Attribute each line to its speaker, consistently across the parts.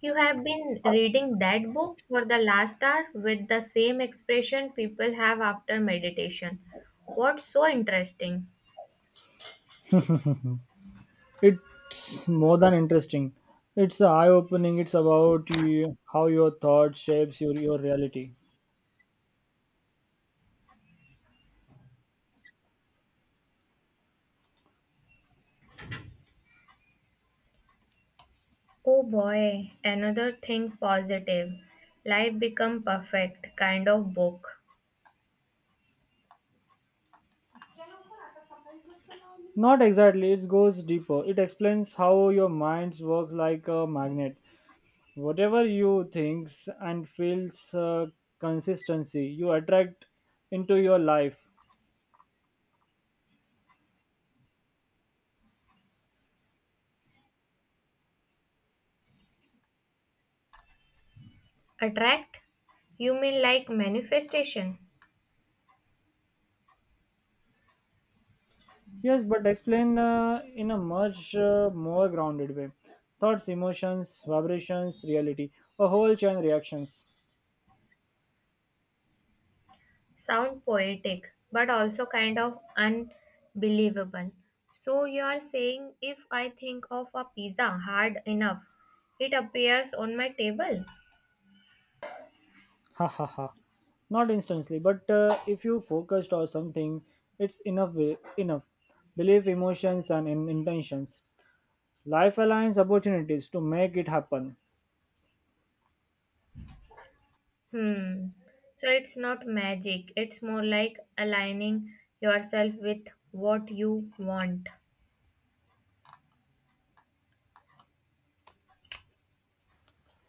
Speaker 1: You have been reading that book for the last hour with the same expression people have after meditation. What's so interesting?
Speaker 2: It's more than interesting. It's eye-opening. It's about you, how your thought shapes your reality.
Speaker 1: Oh boy, another thing positive. Life become perfect kind of book.
Speaker 2: Not exactly. It goes deeper. It explains how your mind works like a magnet. Whatever you thinks and feels consistency, you attract into your life.
Speaker 1: Attract? You mean like manifestation?
Speaker 2: Yes, but explain in a much more grounded way. Thoughts, emotions, vibrations, reality, a whole chain reactions.
Speaker 1: Sound poetic, but also kind of unbelievable. So you are saying if I think of a pizza hard enough, it appears on my table?
Speaker 2: Ha ha ha Not instantly but if you focused or something, it's enough believe emotions and in intentions, life aligns opportunities to make it happen.
Speaker 1: Hmm. So it's not magic. It's more like aligning yourself with what you want.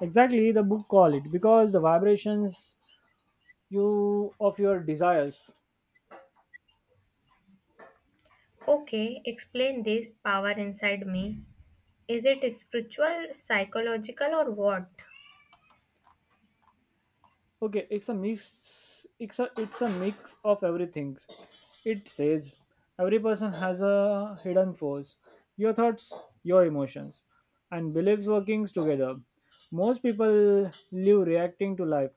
Speaker 2: Exactly, the book call it because the vibrations you of your desires.
Speaker 1: Okay, explain this power inside me. Is it spiritual, psychological, or what?
Speaker 2: Okay, it's a mix. It's a mix of everything. It says every person has a hidden force. Your thoughts, your emotions, and beliefs working together. Most people live reacting to life,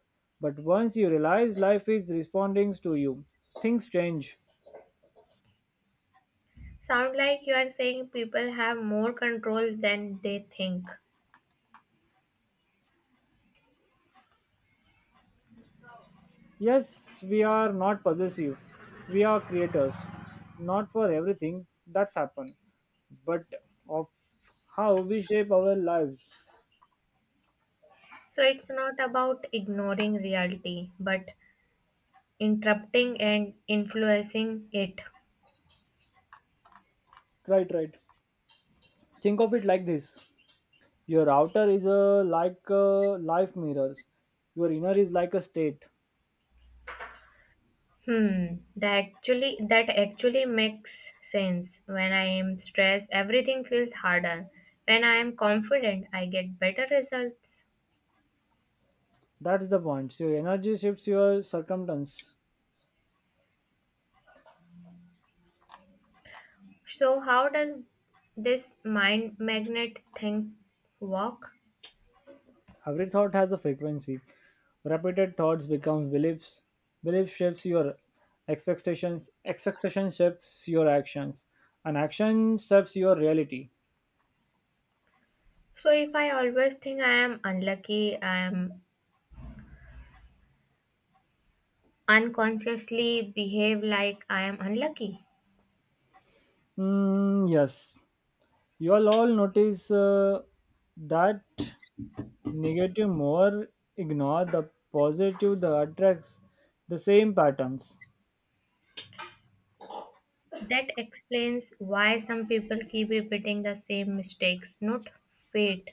Speaker 2: but once you realize life is responding to you, things change.
Speaker 1: Sound like you are saying people have more control than they think.
Speaker 2: Yes, we are not possessive. We are creators, not for everything that's happened, but of how we shape our lives.
Speaker 1: So it's not about ignoring reality, but interrupting and influencing it.
Speaker 2: Right, right. Think of it like this, your outer is a, like a life mirrors, your inner is like a state.
Speaker 1: Hmm, that actually makes sense. When I am stressed, everything feels harder. When I am confident, I get better results.
Speaker 2: That's the point, so your energy shifts your circumstance.
Speaker 1: So how does this mind magnet thing work?
Speaker 2: Every thought has a frequency, repeated thoughts becomes beliefs, belief shapes your expectations, expectation shapes your actions, and action shapes your reality.
Speaker 1: So if I always think I am unlucky, I am unconsciously behave like I am unlucky.
Speaker 2: Mm, yes, you all notice that negative more, ignore the positive, the attracts the same patterns.
Speaker 1: That explains why some people keep repeating the same mistakes. Not fate,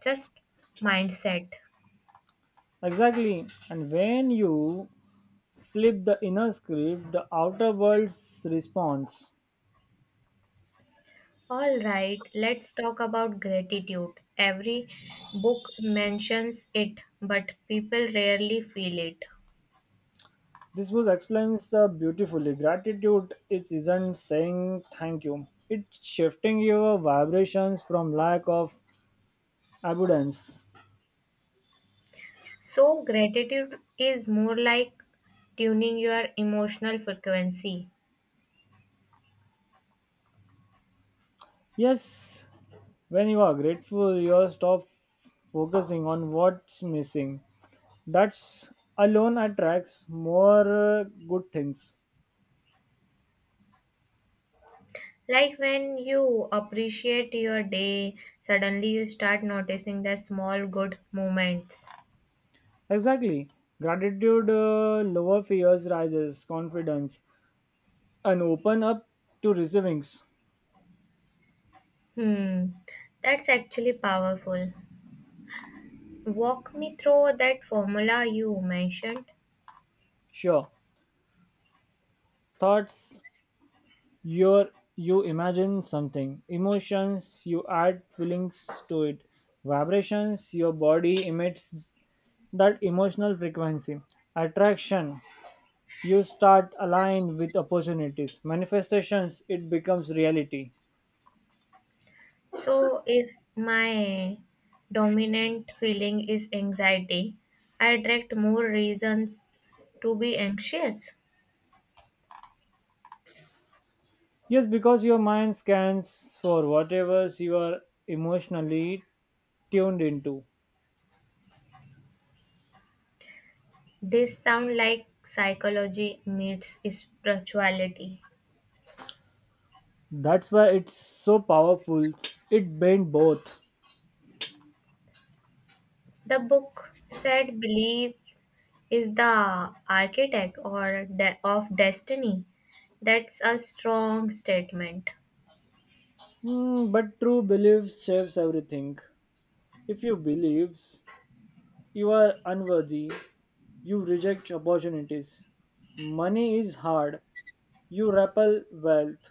Speaker 1: just mindset.
Speaker 2: Exactly. And when you flip the inner script, the outer world's response.
Speaker 1: All right, let's talk about gratitude. Every book mentions it, but people rarely feel it.
Speaker 2: This was explains beautifully. Gratitude it isn't saying thank you. It's shifting your vibrations from lack of abundance.
Speaker 1: So, gratitude is more like tuning your emotional frequency.
Speaker 2: Yes, when you are grateful, you stop focusing on what's missing. That's alone attracts more good things.
Speaker 1: Like when you appreciate your day, suddenly you start noticing the small good moments.
Speaker 2: Exactly. Gratitude lower fears, rises confidence, and open up to receivings.
Speaker 1: Hmm, that's actually powerful. Walk me through that formula you mentioned.
Speaker 2: Sure. Thoughts, your, you imagine something. Emotions, you add feelings to it. Vibrations, your body emits that emotional frequency. Attraction, you start align with opportunities. Manifestations, it becomes reality.
Speaker 1: So, if my dominant feeling is anxiety, I attract more reasons to be anxious.
Speaker 2: Yes, because your mind scans for whatever you are emotionally tuned into.
Speaker 1: This sound like psychology meets spirituality.
Speaker 2: That's why it's so powerful. It bends both.
Speaker 1: The book said belief is the architect or of destiny. That's a strong statement,
Speaker 2: Hmm, but true beliefs shapes everything. If you believe you are unworthy, you reject opportunities. Money is hard, you repel wealth.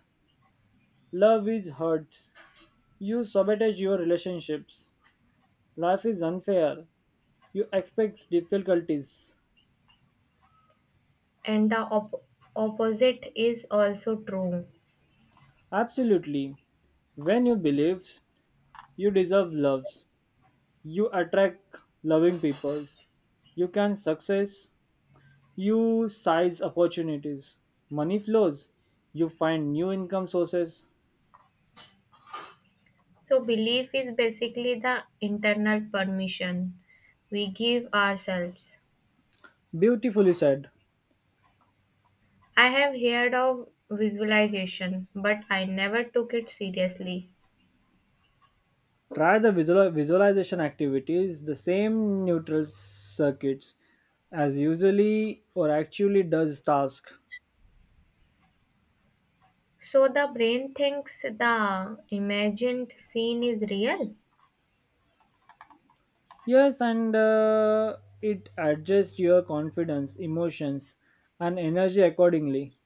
Speaker 2: Love is hurt, you sabotage your relationships. Life is unfair, you expect difficulties.
Speaker 1: and the opposite is also true.
Speaker 2: Absolutely. When you believe you deserve loves, you attract loving people. You can success, you size opportunities. Money flows, you find new income sources.
Speaker 1: So, belief is basically the internal permission we give ourselves.
Speaker 2: Beautifully said.
Speaker 1: I have heard of visualization, but I never took it seriously.
Speaker 2: Try the visualization activities, the same neutral circuits as usually or actually does task.
Speaker 1: So, the brain thinks the imagined scene is real.
Speaker 2: Yes, and it adjusts your confidence, emotions, and energy accordingly.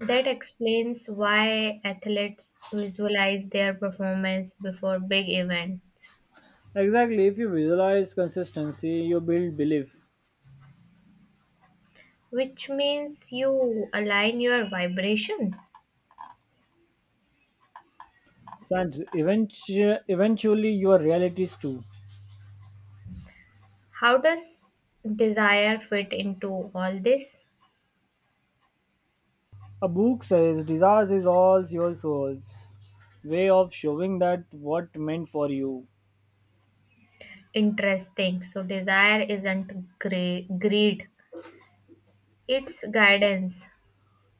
Speaker 1: That explains why athletes visualize their performance before big events,
Speaker 2: Exactly, if you visualize consistency, you build belief,
Speaker 1: which means you align your vibration.
Speaker 2: and eventually your realities too.
Speaker 1: How does desire fit into all this?
Speaker 2: A book says, desires is all your soul's way of showing that what meant for you.
Speaker 1: Interesting. So desire isn't greed, it's guidance.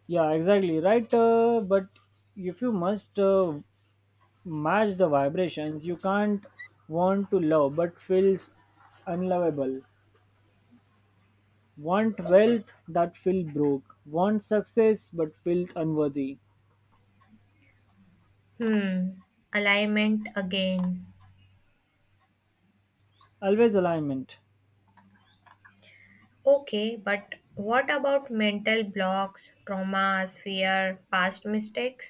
Speaker 2: Yeah, exactly, right? But if you must match the vibrations, you can't want to love but feels unlovable. Want wealth that feel broke. Want success but feels unworthy.
Speaker 1: Hmm. Alignment again.
Speaker 2: Always alignment.
Speaker 1: Okay, but what about mental blocks, traumas, fear, past mistakes?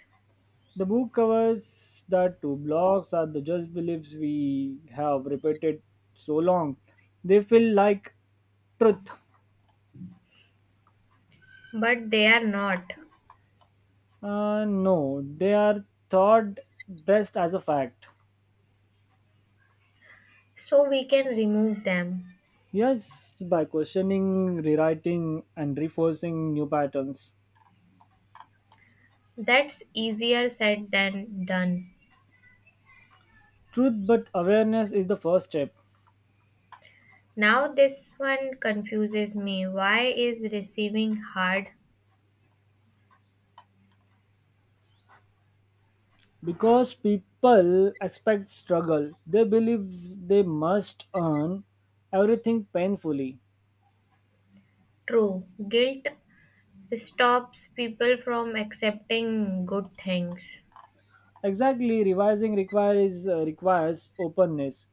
Speaker 2: The book covers that two blocks are the just beliefs we have repeated so long. They feel like truth.
Speaker 1: But they are not.
Speaker 2: No, they are thought dressed as a fact.
Speaker 1: So we can remove them.
Speaker 2: Yes, by questioning, rewriting, and reinforcing new patterns.
Speaker 1: That's easier said than done.
Speaker 2: Truth but awareness is the first step.
Speaker 1: Now this one confuses me. Why is receiving hard?
Speaker 2: Because people expect struggle, they believe they must earn everything painfully.
Speaker 1: True. Guilt stops people from accepting good things.
Speaker 2: Exactly, revising requires requires openness,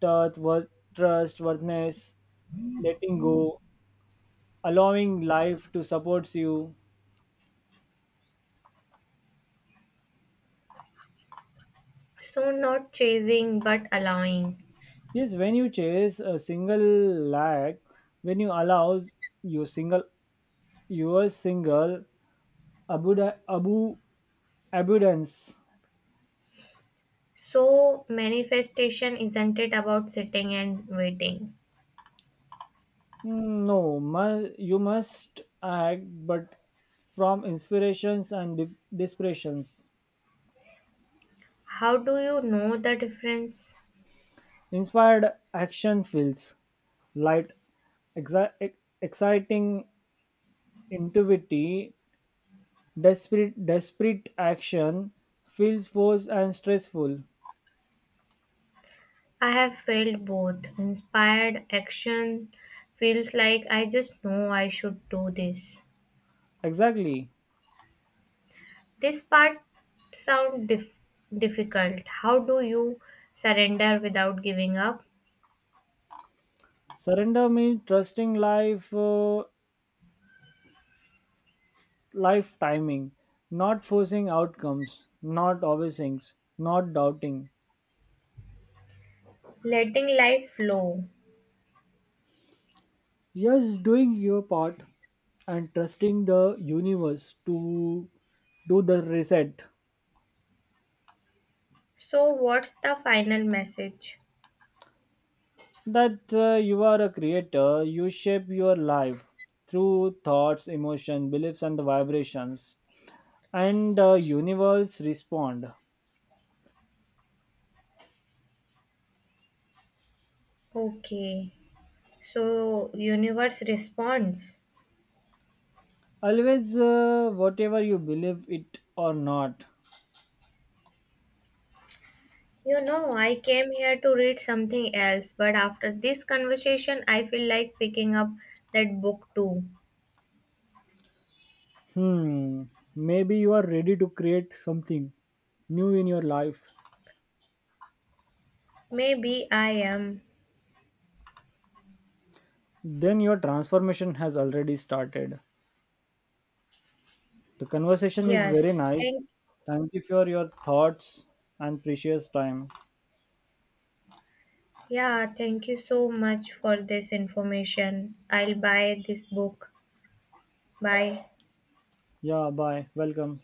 Speaker 2: trust, worth, trustworthiness, letting go, allowing life to support you.
Speaker 1: So not chasing but allowing.
Speaker 2: Yes, when you chase a single lag, when you allows your single your single abuda, abu abundance.
Speaker 1: So manifestation isn't it about sitting and waiting?
Speaker 2: Mm, no, you must act, but from inspirations and desperations.
Speaker 1: How do you know the difference?
Speaker 2: Inspired action fills. Light, exciting intuitivity, desperate action feels forced and stressful.
Speaker 1: I have felt both. Inspired action feels like I just know I should do this.
Speaker 2: Exactly.
Speaker 1: This part sounds difficult. How do you surrender without giving up?
Speaker 2: Surrender means trusting life, life timing, not forcing outcomes, not obsessing, not doubting.
Speaker 1: Letting life flow.
Speaker 2: Yes, doing your part and trusting the universe to do the reset.
Speaker 1: So what's the final message?
Speaker 2: That you are a creator, you shape your life through thoughts, emotion, beliefs and vibrations, and universe respond.
Speaker 1: Okay. So universe responds.
Speaker 2: Always, whatever you believe it or not.
Speaker 1: You know, I came here to read something else, but after this conversation I feel like picking up that book too.
Speaker 2: Hmm, maybe you are ready to create something new in your life.
Speaker 1: Maybe I am.
Speaker 2: Then your transformation has already started. The conversation is very
Speaker 1: Yes.
Speaker 2: nice.
Speaker 1: Thank
Speaker 2: Thank you for your thoughts and precious time.
Speaker 1: yeah, thank you so much for this information. I'll buy this book. Bye.
Speaker 2: Yeah, bye. Welcome.